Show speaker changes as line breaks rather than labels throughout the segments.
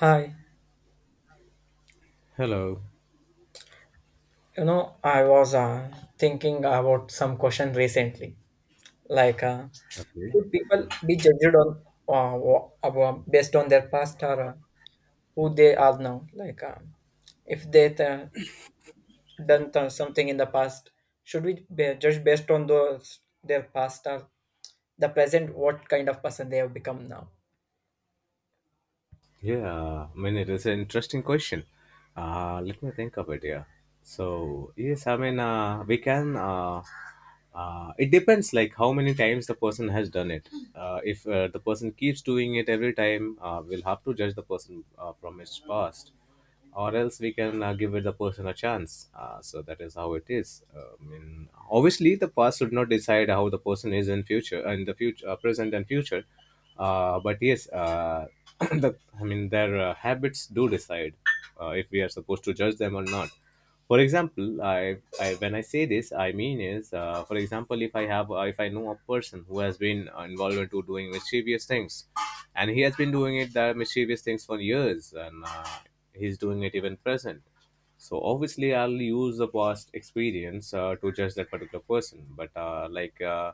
Hi,
Hello.
I was thinking about some question recently. Like,
Okay.
should people be judged on based on their past, or who they are now? Like, if done something in the past, should we be judged based on those their past or the present? What kind of person they have become now?
Yeah, I mean, it is an interesting question. Let me think of it here. So, yes, I mean, it depends like how many times the person has done it. If the person keeps doing it every time, we'll have to judge the person from its past. Or else we can give it the person a chance. So that is how it is. I mean, obviously, the past should not decide how the person is in the future, present and future. But yes, the I mean, their habits do decide if we are supposed to judge them or not. For example, I, when I say this I mean is, for example, if I have, if I know a person who has been involved into doing mischievous things, and he has been doing it the mischievous things for years, and he's doing it even present. So obviously I'll use the past experience to judge that particular person, but uh, like uh,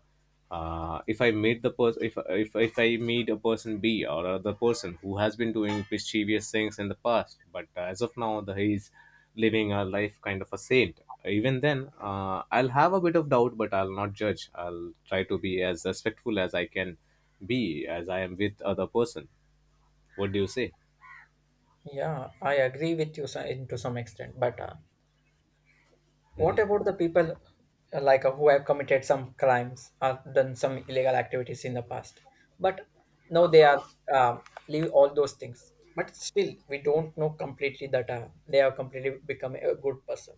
uh, if I meet the person, if I meet a person B or other person who has been doing mischievous things in the past, but as of now, the he's living a life kind of a saint. Even then, I'll have a bit of doubt, but I'll not judge. I'll try to be as respectful as I can be, as I am with other person. What do you say?
Yeah, I agree with you to some extent, but what
Mhm.
about the people like, who have committed some crimes or done some illegal activities in the past, but now they are, uh, leave all those things. But still, we don't know completely that they have completely become a good person.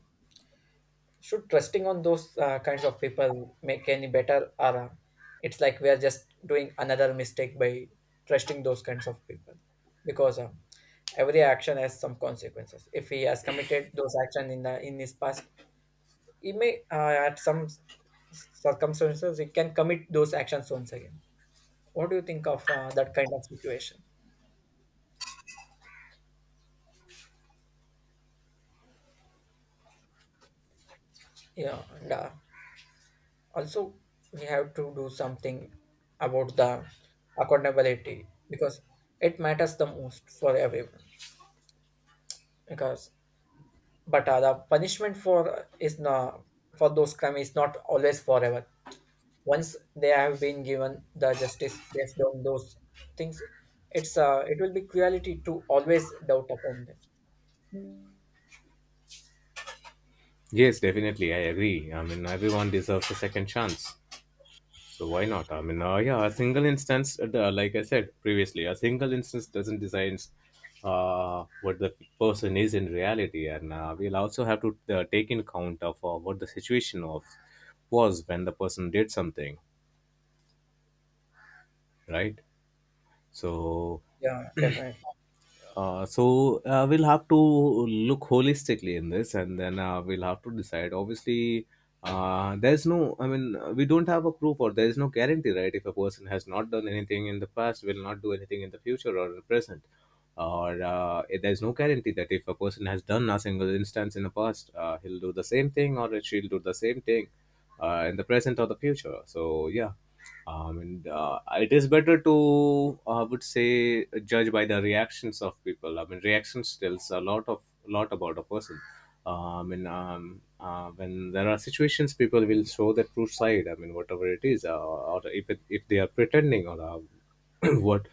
Should trusting on those kinds of people make any better, or it's like we are just doing another mistake by trusting those kinds of people? Because every action has some consequences. If he has committed those actions in the in his past, he may, at some circumstances he can commit those actions once again. What do you think of that kind of situation? Yeah, and also, we have to do something about the accountability, because it matters the most for everyone. Because but the punishment for is not, for those crime is not always forever. Once they have been given the justice based on those things, it's uh, it will be cruelty to always doubt upon them.
Yes, definitely, I agree. I mean, everyone deserves a second chance. So why not? I mean, yeah, a single instance, like I said previously, a single instance doesn't design what the person is in reality, and we'll also have to take in count of what the situation of was when the person did something, right? So
Yeah, definitely.
so we'll have to look holistically in this and then we'll have to decide. Obviously, there's no, I mean, we don't have a proof, or there is no guarantee, right? If a person has not done anything in the past will not do anything in the future or the present, or there's no guarantee that if a person has done a single instance in the past, he'll do the same thing or she'll do the same thing in the present or the future. So yeah, and it is better to, I would say, judge by the reactions of people. I mean, reactions tells a lot about a person. I mean, when there are situations people
Yeah,
will show their true side. I mean, whatever it is, or if they are pretending, or what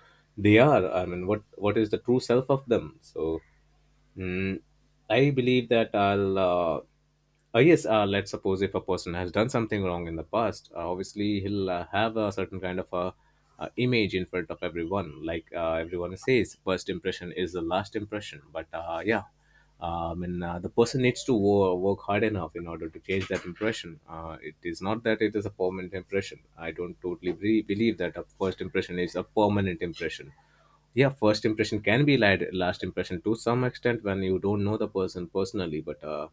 they are. I mean, what is the true self of them. So Mm, I believe that I'll. Yes, let's suppose if a person has done something wrong in the past, obviously he'll have a certain kind of a image in front of everyone. Like everyone says, first impression is the last impression. But yeah, I mean, the person needs to work hard enough in order to change that impression. It is not that it is a permanent impression. I don't totally believe that a first impression is a permanent impression. Yeah, first impression can be like last impression to some extent when you don't know the person personally, but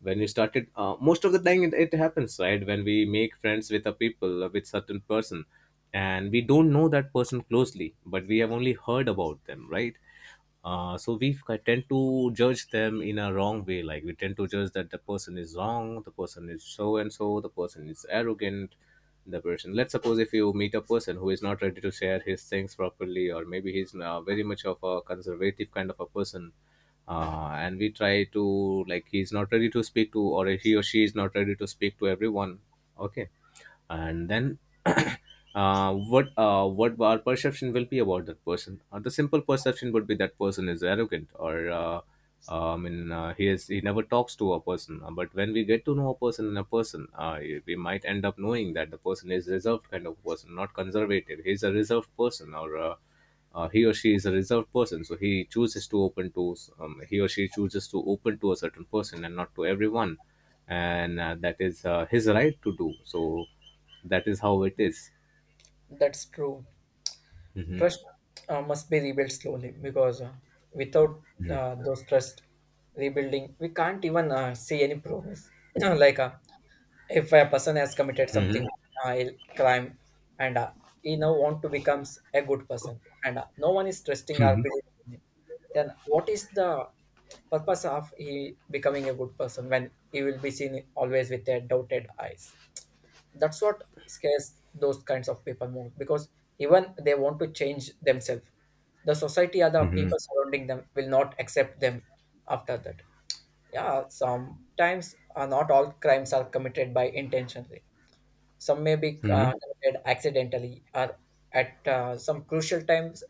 when you started, most of the time, it happens, right, when we make friends with a people, with certain person, and we don't know that person closely, but we have only heard about them, right. So we tend to judge them in a wrong way, like we tend to judge that the person is wrong, the person is so and so, the person is arrogant, the person... Let's suppose if you meet a person who is not ready to share his things properly, or maybe he's very much of a conservative kind of a person, and we try to, like, he's not ready to speak to or he or she is not ready to speak to everyone. Okay, and then what our perception will be about that person. The simple perception would be that person is arrogant, or I mean, he never talks to a person. But when we get to know a person and a person, we might end up knowing that the person is reserved kind of person, not conservative. He's a reserved person, or he or she is a reserved person, so he or she chooses to open to a certain person and not to everyone. And that is his right to do so. That is how it is.
that's true.
Mm-hmm.
Trust, must be rebuilt slowly, because, without, those trust rebuilding we can't even, see any progress. Like, if a person has committed
Mm-hmm.
something, crime, and he now want to becomes a good person and no one is trusting or believing in him, then what is the purpose of he becoming a good person when he will be seen always with a doubted eyes? That's what scares those kinds of people more, because even they want to change themselves, the society or the
Mm-hmm.
people surrounding them will not accept them after that. Yeah, sometimes, not all crimes are committed by intentionally. Some may be,
Mm-hmm.
committed accidentally or at, some crucial times.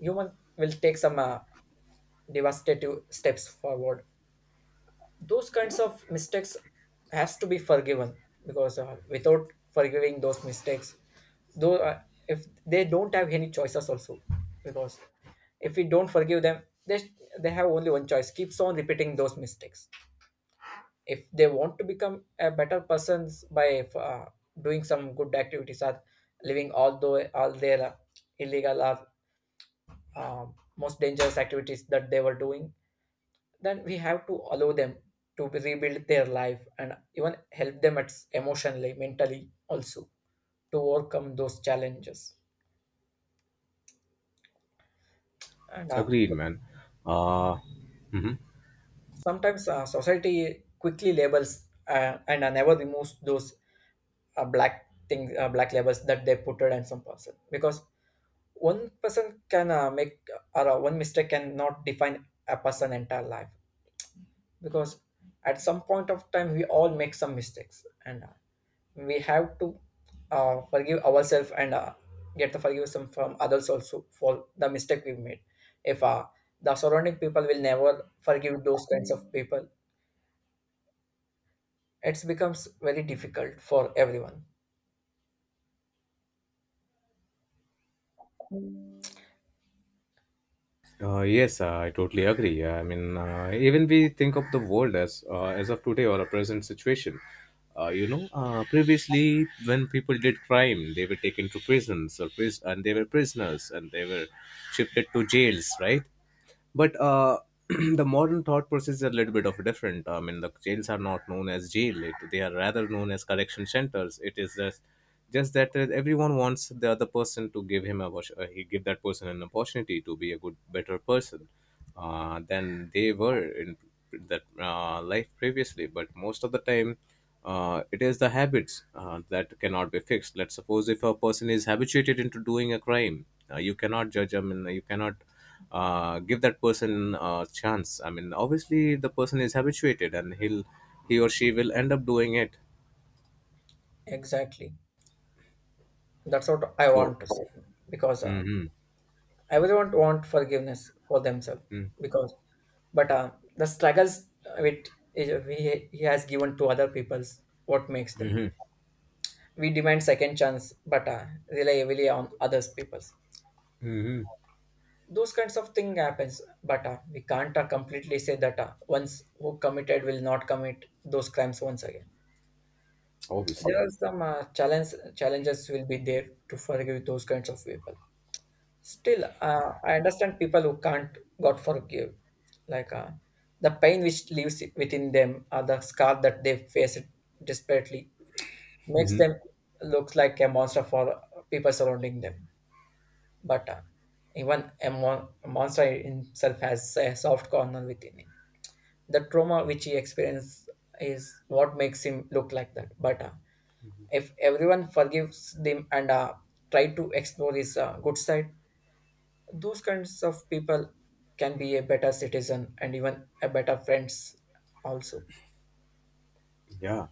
Human will take some, devastative steps forward. Those kinds of mistakes has to be forgiven, because, without forgiving those mistakes, though, if they don't have any choices also, because if we don't forgive them, they they have only one choice: keeps on repeating those mistakes. If they want to become a better persons by, doing some good activities or living all their, illegal or, most dangerous activities that they were doing, then we have to allow them to rebuild their life and even help them at emotionally mentally also to overcome those challenges. And
Agreed, man. uh, mhm.
sometimes, society quickly labels, and, never removes those, black thing, black labels that they put it on some person, because one person can, make or, one mistake cannot define a person entire life, because at some point of time we all make some mistakes and, we have to, forgive ourselves and, get the forgiveness from others also for the mistake we made. If, the surrounding people will never forgive those kinds of people, it becomes very difficult for everyone.
Yes, I totally agree. I mean, even we think of the world as of today or a present situation. You know, previously when people did crime, they were taken to and they were prisoners and they were shifted to jails, right? But the modern thought process is a little bit of different. I mean, the jails are not known as they are rather known as correction centers. It is just that everyone wants the other person to give him a wash- he give that person an opportunity to be a good better person than they were in that life previously. But most of the time it is the habits that cannot be fixed. Let's suppose if a person is habituated into doing a crime, you cannot judge him, and you cannot give that person a chance. I mean, obviously the person is habituated and he or she will end up doing it.
Exactly. That's what I
So.
want to say, because,
Mm-hmm,
everyone want forgiveness for themselves, because, but, the struggles with is- we he has given to other people's, what makes them. We demand second chance, but, rely heavily on others people's.
mm-hmm,
Those kinds of thing happens, but, we can't, completely say that, once who committed will not commit those crimes once again. There
obviously.
are some, challenges will be there to forgive those kinds of people. Still, I understand people who can't God forgive, like, the pain which lives within them, or the scar that they face it desperately makes
Mhm.
them look like a monster for people surrounding them. But, even a monster himself has a soft corner within him. The trauma which he experienced is what makes him look like that. But, if everyone forgives him and, try to explore his, good side, those kinds of people can be a better citizen and even a better friends also.
Yeah.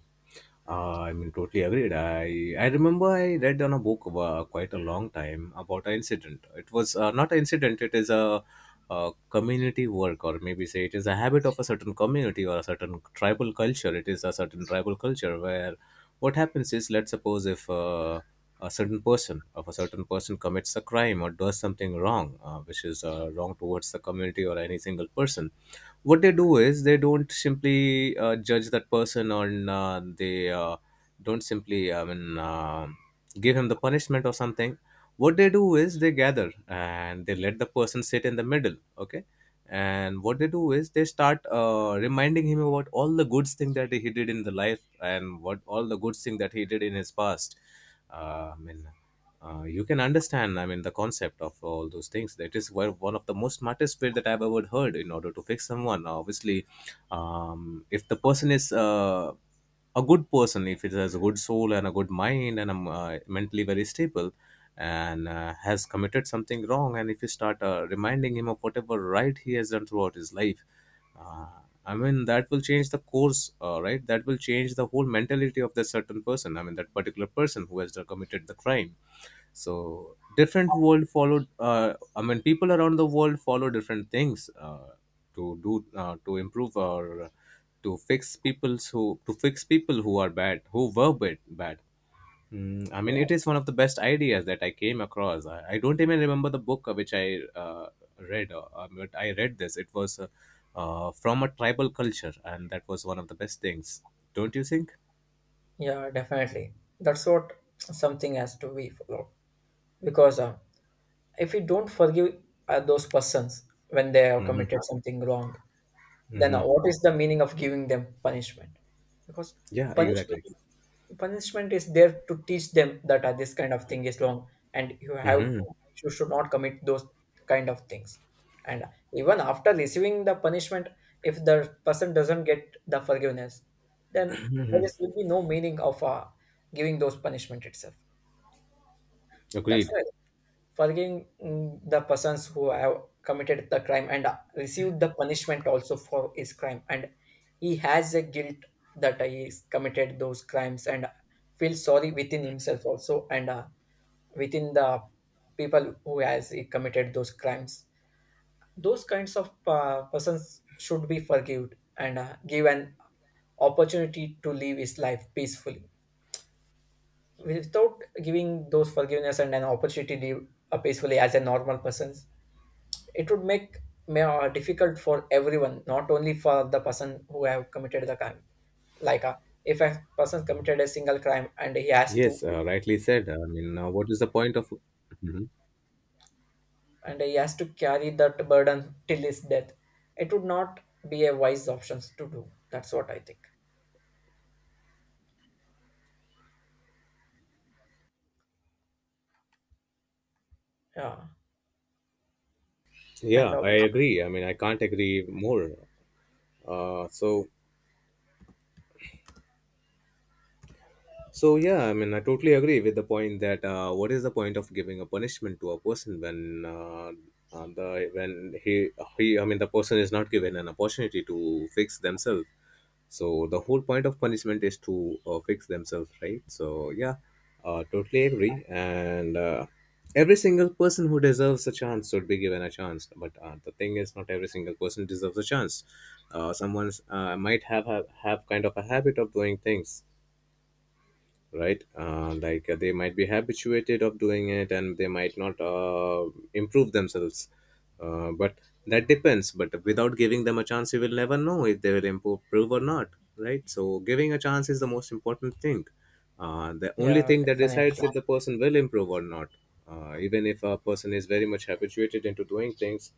I mean, totally agreed. I remember I read on a book about quite a long time about an incident. It was not an incident. It is a community work, or maybe say it is a habit of a certain community or a certain tribal culture. It is a certain tribal culture where what happens is, let's suppose if if a certain person commits a crime or does something wrong, which is wrong towards the community or any single person, what they do is they don't simply judge that person, or they don't simply I mean give him the punishment or something. What they do is they gather and they let the person sit in the middle. Okay. And what they do is they start reminding him about all the good things that he did in the life and what all the good thing that he did in his past. I mean, you can understand. I mean, the concept of all those things. That is one of the most smartest way that I've ever heard in order to fix someone. Now, obviously, if the person is a good person, if it has a good soul and a good mind and mentally very stable, and has committed something wrong, and if you start reminding him of whatever right he has done throughout his life, uh, I mean, that will change the course, right, that will change the whole mentality of that certain person. I mean, that particular person who has committed the crime. So different world followed, I mean, people around the world follow different things, to do, to improve or to fix people's who to fix people who are bad who were bad bad. I mean,
Yeah,
it is one of the best ideas that I came across. I don't even remember the book which I read, but I read this. It was from a tribal culture, and that was one of the best things. Don't you think?
yeah, definitely. That's what, something has to be followed, because, if we don't forgive, those persons when they have
Mm-hmm.
committed something wrong, then
Mm-hmm.
what is the meaning of giving them punishment? Because
Yeah,
punishment
exactly.
is, punishment is there to teach them that, this kind of thing is wrong, and you have,
Mm-hmm.
you should not commit those kind of things. And, even after receiving the punishment, if the person doesn't get the forgiveness, then there is, will be no meaning of, giving those punishment itself. That's
Agreed.
why forgiving, the persons who have committed the crime and, received the punishment also for his crime, and he has a guilt that he has committed those crimes, and feels sorry within himself also, and, within the people who has he committed those crimes, those kinds of, persons should be forgiven and, given opportunity to live his life peacefully. Without giving those forgiveness and an opportunity to live, peacefully as a normal person, it would make, difficult for everyone, not only for the person who have committed the crime. Like, if a person committed a single crime, and he has to,
Yes, rightly said. I mean, what is the point of? Mhm.
and he has to carry that burden till his death, it would not be a wise options to do. That's what I think. Yeah, and
Yeah, I agree. I mean, I can't agree more. Uh, so so yeah, I mean, I totally agree with the point that what is the point of giving a punishment to a person when the when he I mean, the person is not given an opportunity to fix themselves. So the whole point of punishment is to fix themselves, right? So yeah, totally agree. And every single person who deserves a chance should be given a chance. But the thing is, not every single person deserves a chance. Someone might have kind of a habit of doing things right, like they might be habituated of doing it, and they might not improve themselves, but that depends. But without giving them a chance, you will never know if they will improve or not, right? So giving a chance is the most important thing, the only
yeah,
thing that decides
definitely.
if the person will improve or not. Even if a person is very much habituated into doing things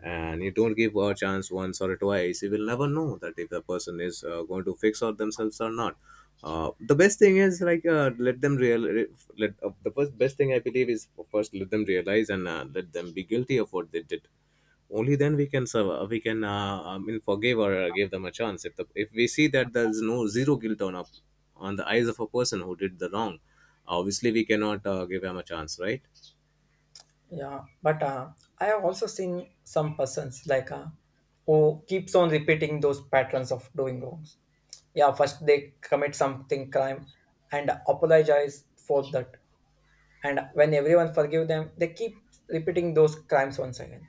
and you don't give a chance once or twice, you will never know that if the person is going to fix out themselves or not. The best thing is like, let them let the first best thing I believe is, first let them realize, and let them be guilty of what they did. Only then we can I mean forgive or give them a chance if the if we see that there's no zero guilt on the eyes of a person who did the wrong. Obviously we cannot give them a chance, right?
Yeah, but, I have also seen some persons like, who keeps on repeating those patterns of doing wrongs. Yeah, first they commit something crime and apologize for that, and when everyone forgive them, they keep repeating those crimes once again.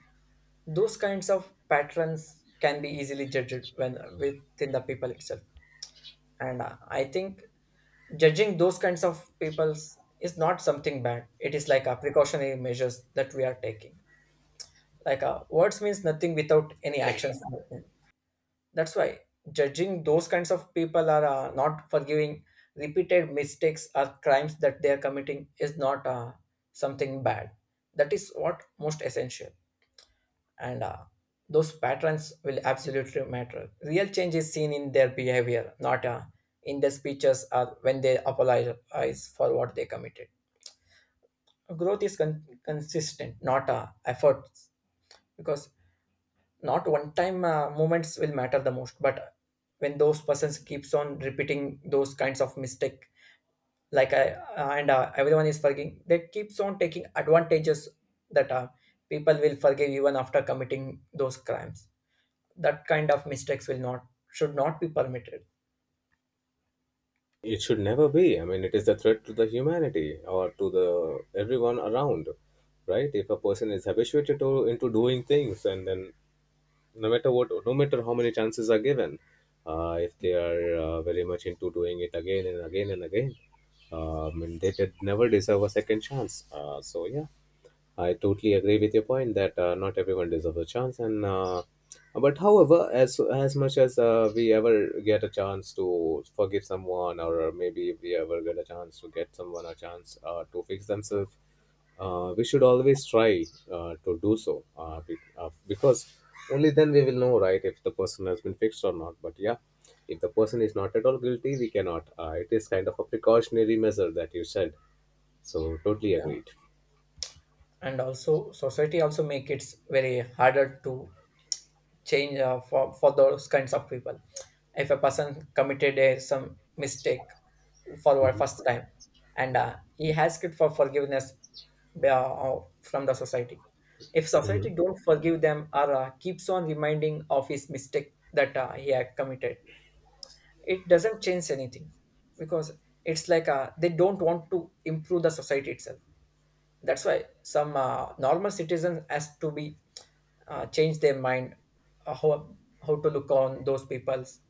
Those kinds of patterns can be easily judged when within the people itself. And, I think judging those kinds of peoples is not something bad, it is like a precautionary measures that we are taking. Like, words means nothing without any actions. That's why judging those kinds of people are, not forgiving repeated mistakes or crimes that they are committing is not, something bad. That is what most essential, and, those patterns will absolutely matter. Real change is seen in their behavior, not, in their speeches or when they apologize for what they committed. Growth is consistent, not, efforts, because not one time, moments will matter the most, but when those persons keeps on repeating those kinds of mistake, like I, and everyone is forgiving, they keeps on taking advantages that, people will forgive even after committing those crimes. That kind of mistakes will not, should not be permitted.
It should never be. I mean, it is a threat to the humanity or to the everyone around, right? If a person is habituated to into doing things, and then no matter what, no matter how many chances are given, if they are very much into doing it again and again and again, and they did never deserve a second chance. So yeah, I totally agree with your point that not everyone deserves a chance, and but however, as much as we ever get a chance to forgive someone, or maybe if we ever get a chance to get someone a chance to fix themselves, we should always try to do so, because only then we will know, right, if the person has been fixed or not. But yeah, if the person is not at all guilty, we cannot. It is kind of a precautionary measure that you said. So totally
Yeah.
agreed.
And also society also make it very harder to change, for those kinds of people. If a person committed a, some mistake for our
Mhm.
first time, and, he asked for forgiveness, uh, from the society, if society
Mhm.
don't forgive them or, keeps on reminding of his mistake that, he had committed, it doesn't change anything, because it's like, they don't want to improve the society itself. That's why some, normal citizens has to be, change their mind, uh, how how to look on those peoples,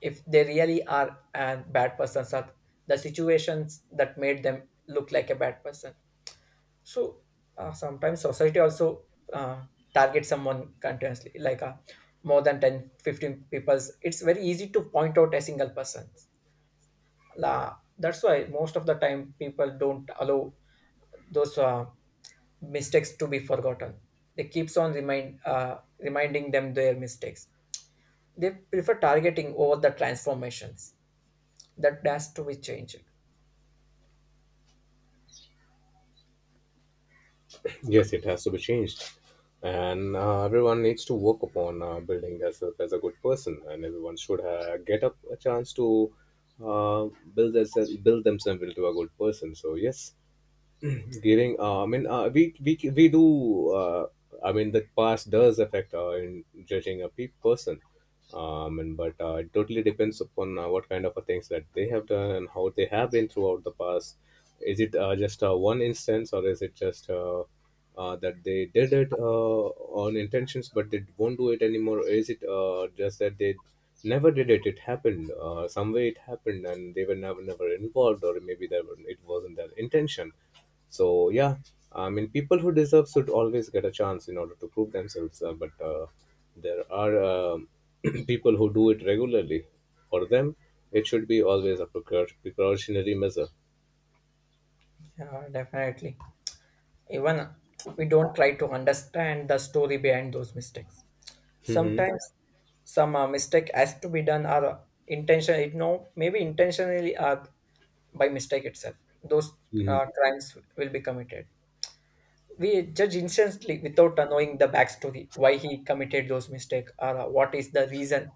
if they really are a bad persons, are the situations that made them look like a bad person. So, sometimes society also, uh, target someone continuously, like, more than 10, 15 peoples, it's very easy to point out a single person. La, that's why most of the time people don't allow those, mistakes to be forgotten. They keeps on reminding them their mistakes. They prefer targeting over the transformations. That has to be changed.
Yes, it has to be changed. And everyone needs to work upon building themselves as a good person, and everyone should get a chance to uh, build themselves into a good person. So yes, giving, I mean, we do. I mean, the past does affect in judging a person. And but it totally depends upon what kind of a things that they have done and how they have been throughout the past. Is it just one instance, or is it just that they did it on intentions, but they won't do it anymore? Or is it just that they never did it? It happened some way. It happened, and they were never involved, or maybe that it wasn't their intention. So yeah, I mean, people who deserve should always get a chance in order to prove themselves. But there are people who do it regularly. For them, it should be always a precautionary measure.
Yeah, definitely. Even we don't try to understand the story behind those mistakes.
Mm-hmm.
Sometimes some, mistake has to be done or, intention. It no maybe intentionally or by mistake itself. Those,
Mm-hmm.
crimes will be committed. We judge instantly without, knowing the backstory why he committed those mistakes or, what is the reason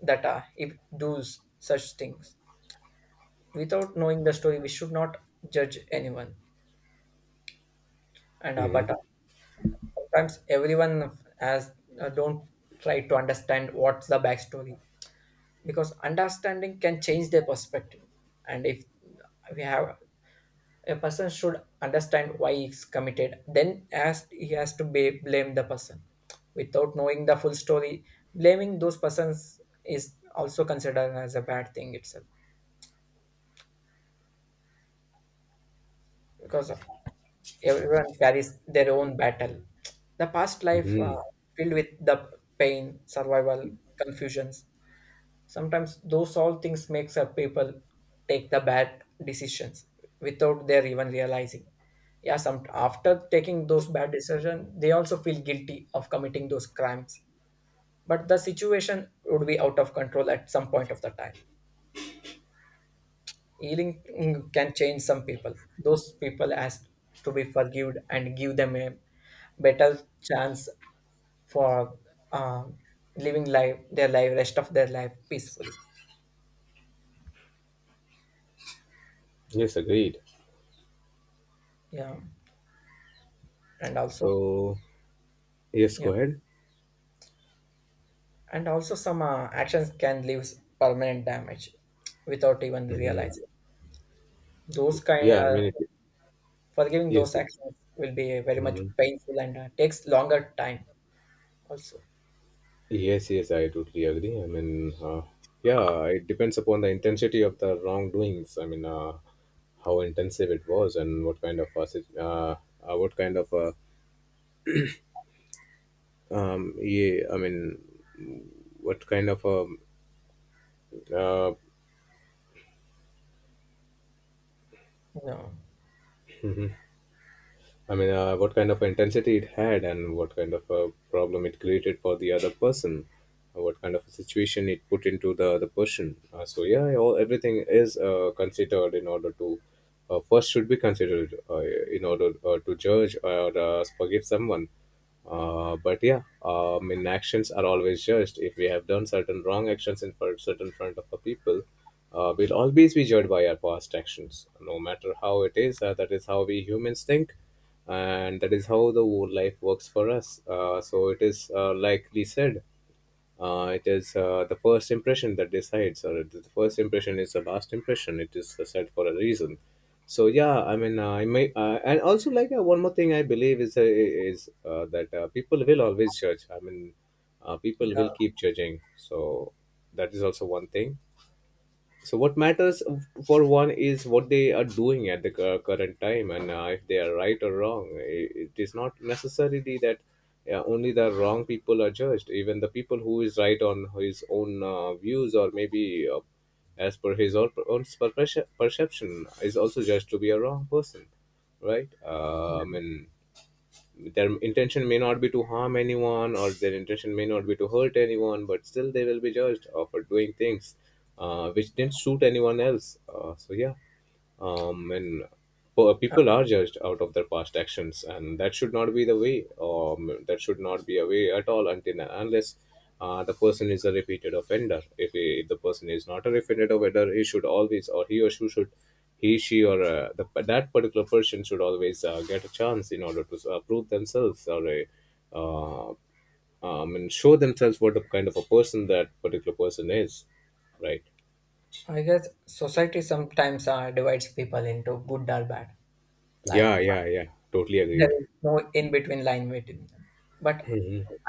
that, he does such things. Without knowing the story, we should not judge anyone. And,
Mm-hmm.
but sometimes everyone has, don't try to understand what's the backstory, because understanding can change their perspective. And if we have, a person should understand why he's committed, then as he has to be blame the person. Without knowing the full story, blaming those persons is also considered as a bad thing itself, because everyone carries their own battle. The past life,
Mm-hmm.
filled with the pain, survival, confusions. Sometimes those all things makes up people take the bad decisions without their even realizing. Yeah, some after taking those bad decisions, they also feel guilty of committing those crimes. But the situation would be out of control at some point of the time. Healing can change some people. Those people has to be forgiven and give them a better chance for um, living life their life rest of their life peacefully
Yes, agreed.
yeah and also.
So yes, go
Yeah,
ahead.
and also some actions can leave permanent damage without even
Mm-hmm.
realizing. Those kind
Yeah,
uh, forgiving
yes.
those
It,
actions will be very much
hmm.
painful and takes longer time also.
Yes, yes, I totally agree. I mean, yeah, it depends upon the intensity of the wrongdoings. I mean, how intensive it was and what kind of a, what kind of a, yeah, I mean, what kind of a, uh,
No.
I mean, what kind of intensity it had, and what kind of a problem it created for the other person, what kind of a situation it put into the other person. So yeah, all everything is considered in order to first should be considered in order to judge or forgive someone. But yeah, I mean, actions are always judged. If we have done certain wrong actions in front, certain front of the people, we'll always be judged by our past actions, no matter how it is. That is how we humans think, and that is how the whole life works for us. So it is like we said, it is the first impression that decides, or the first impression is the last impression. It is said for a reason. So yeah, I mean, I may and also like, one more thing I believe is, that people will always judge. I mean, people
Yeah.
will keep judging. So that is also one thing. So what matters for one is what they are doing at the current time, and if they are right or wrong. It is not necessarily that only the wrong people are judged. Even the people who is right on his own views, or maybe as per his own, own perception, is also judged to be a wrong person, right? I
Yeah.
mean, their intention may not be to harm anyone, or their intention may not be to hurt anyone, but still they will be judged for doing things which didn't suit anyone else. So yeah, and
Uh,
people are judged out of their past actions, and that should not be the way. That should not be a way at all until unless the person is a repeated offender. If the person is not a repeated offender, he should always, or he or she should, he she or the, that particular person should always get a chance in order to prove themselves, or a uh, and show themselves what the kind of a person that particular person is, right?
I guess society sometimes divides people into good or bad. Like
Yeah, yeah, yeah, totally
there
agreed.
is no in between line between them. But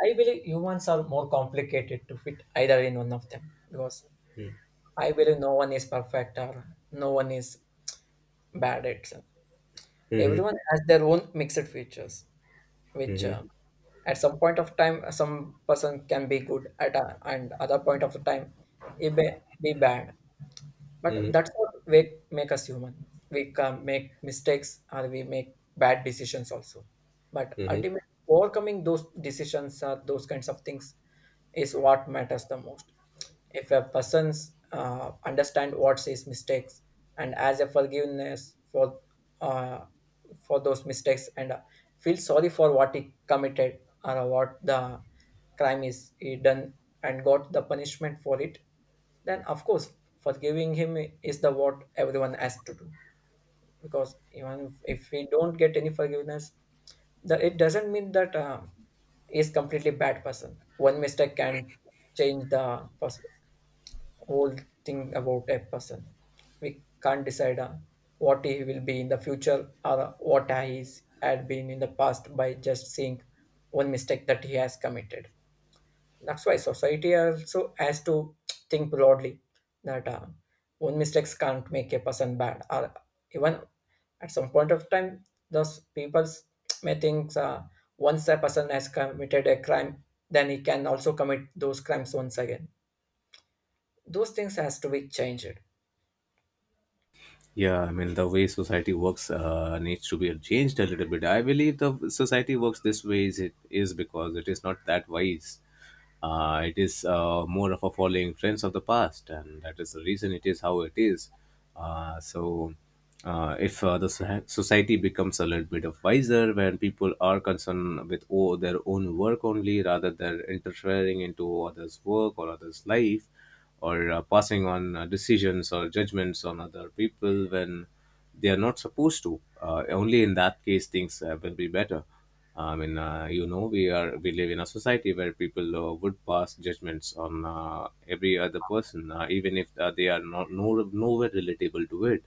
I believe humans are more complicated to fit either in one of them because I believe no one is perfect or no one is bad itself.
Hmm.
Everyone has their own mixed features, which at some point of time, some person can be good at, a, and other point of the time, it may be bad. But
Mm-hmm.
that's what we make us human. We can make mistakes or we make bad decisions also. But
Mm-hmm.
ultimately, overcoming those decisions or those kinds of things is what matters the most if a person's understand what's his mistakes and as a forgiveness uh, for those mistakes and feel sorry for what he committed or what the crime is he done and got the punishment for it then of course forgiving him is the what everyone has to do because even if we don't get any forgiveness the, it doesn't mean that is completely bad person one mistake can change the person whole thing about a person. We can't decide what he will be in the future or what he is, had been in the past by just seeing one mistake that he has committed. That's why society also has to think broadly that one mistakes can't make a person bad or even at some point of time those people may think once a person has committed a crime then he can also commit those crimes once again those things has to be changed.
Yeah, I mean, the way society works needs to be changed a little bit. I believe the society works this way is it is because it is not that wise. It is more of a following trends of the past, and that is the reason it is how it is. So, if the society becomes a little bit of wiser, when people are concerned with oh, their own work only rather than interfering into others' work or others' life, or passing on decisions or judgments on other people when they are not supposed to. Only in that case things will be better. I mean, you know, we live in a society where people would pass judgments on every other person, even if they are not no, nowhere relatable to it,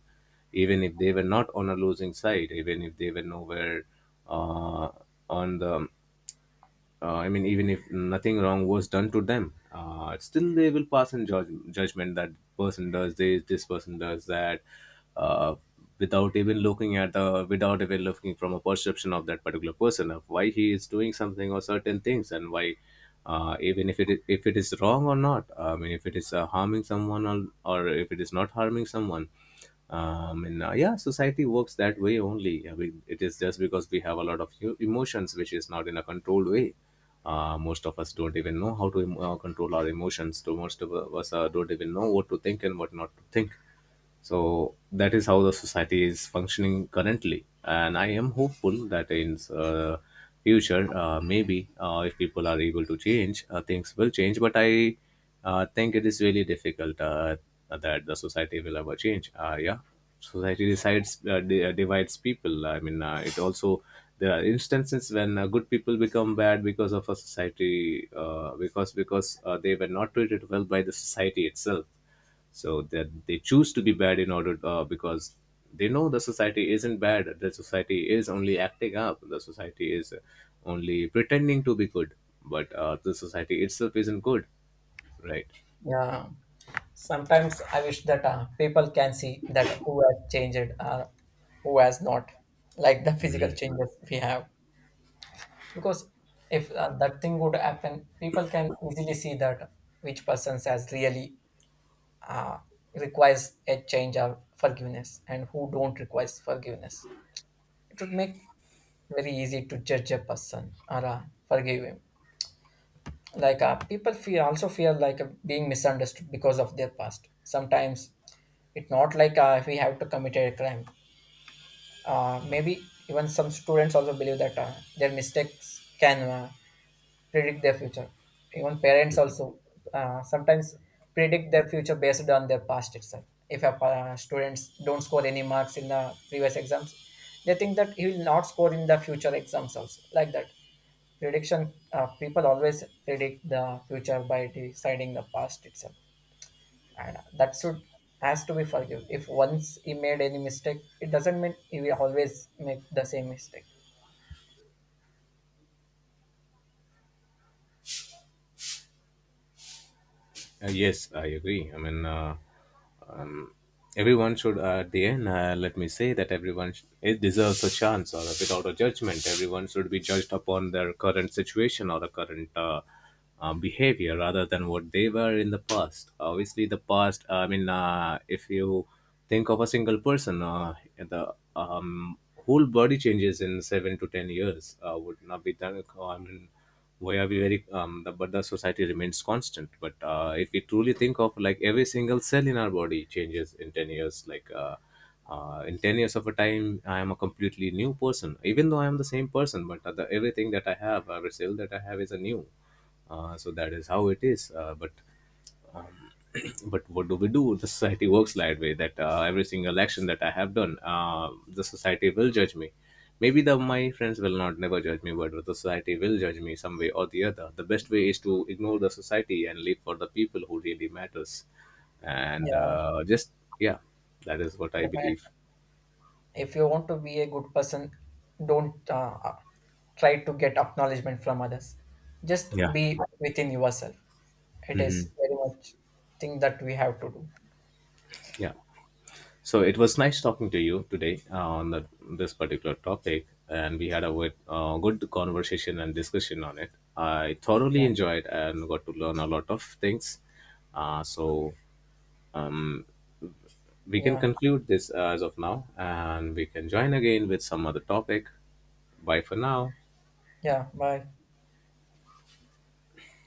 even if they were not on a losing side, even if they were nowhere uh, on the I mean, even if nothing wrong was done to them, still they will pass in judgment that person does this, this person does that, uh, without even looking at the, without even looking from a perception of that particular person of why he is doing something or certain things and why, even if it is wrong or not. I mean, if it is harming someone, or if it is not harming someone, and yeah, society works that way only. I mean, it is just because we have a lot of emotions which is not in a controlled way. Most of us don't even know how to control our emotions, so most of us don't even know what to think and what not to think. So that is how the society is functioning currently, and I am hopeful that in future, maybe if people are able to change, things will change. But I think it is really difficult that the society will ever change, yeah. Society decides, divides people. I mean, it also, there are instances when good people become bad because of a society, because they were not treated well by the society itself, so that they choose to be bad in order, because they know the society isn't bad. The society is only acting up. The society is only pretending to be good, but the society itself isn't good, right?
Yeah, sometimes I wish that people can see that who has changed, who has not, like the physical changes we have. Because if that thing would happen, people can easily see that which person has really requires a change or forgiveness and who don't requires forgiveness. It would make very easy to judge a person or forgive him. Like people feel also feel like being misunderstood because of their past sometimes it's not like if we have to commit a crime, maybe even some students also believe that their mistakes can predict their future. Even parents also sometimes predict their future based on their past itself. If a students don't score any marks in the previous exams, they think that he will not score in the future exams also. Like that, prediction, people always predict the future by deciding the past itself, and that should has to be forgiven. If once he made any mistake, it doesn't mean he will always make the same mistake.
Yes, I agree. I mean, everyone should, at the end, let me say that everyone sh- it deserves a chance or without a judgment. Everyone should be judged upon their current situation or the current behavior rather than what they were in the past. Obviously, the past, I mean, if you think of a single person. The whole body changes in 7 to 10 years would not be done. I mean, why are we very? But the society remains constant. But if we truly think of like every single cell in our body changes in 10 years, like. In 10 years of a time, I am a completely new person, even though I am the same person, but everything that I have, every cell that I have, is a new. So that is how it is, but but what do we do? The society works that way. That every single action that I have done, the society will judge me. Maybe the my friends will not never judge me, but the society will judge me some way or the other. The best way is to ignore the society and live for the people who really matters. And
Yeah,
just yeah, that is what I believe.
definitely. If you want to be a good person don't try to get acknowledgement from others, just
Yeah.
be within yourself. It is
Hmm.
very much thing that we have to do.
Yeah. So it was nice talking to you today on this particular topic, and we had a good conversation and discussion on it. I thoroughly
Yeah.
enjoyed and got to learn a lot of things. So we can
Yeah,
conclude this as of now, and we can join again with some other topic. Bye for now.
yeah, bye.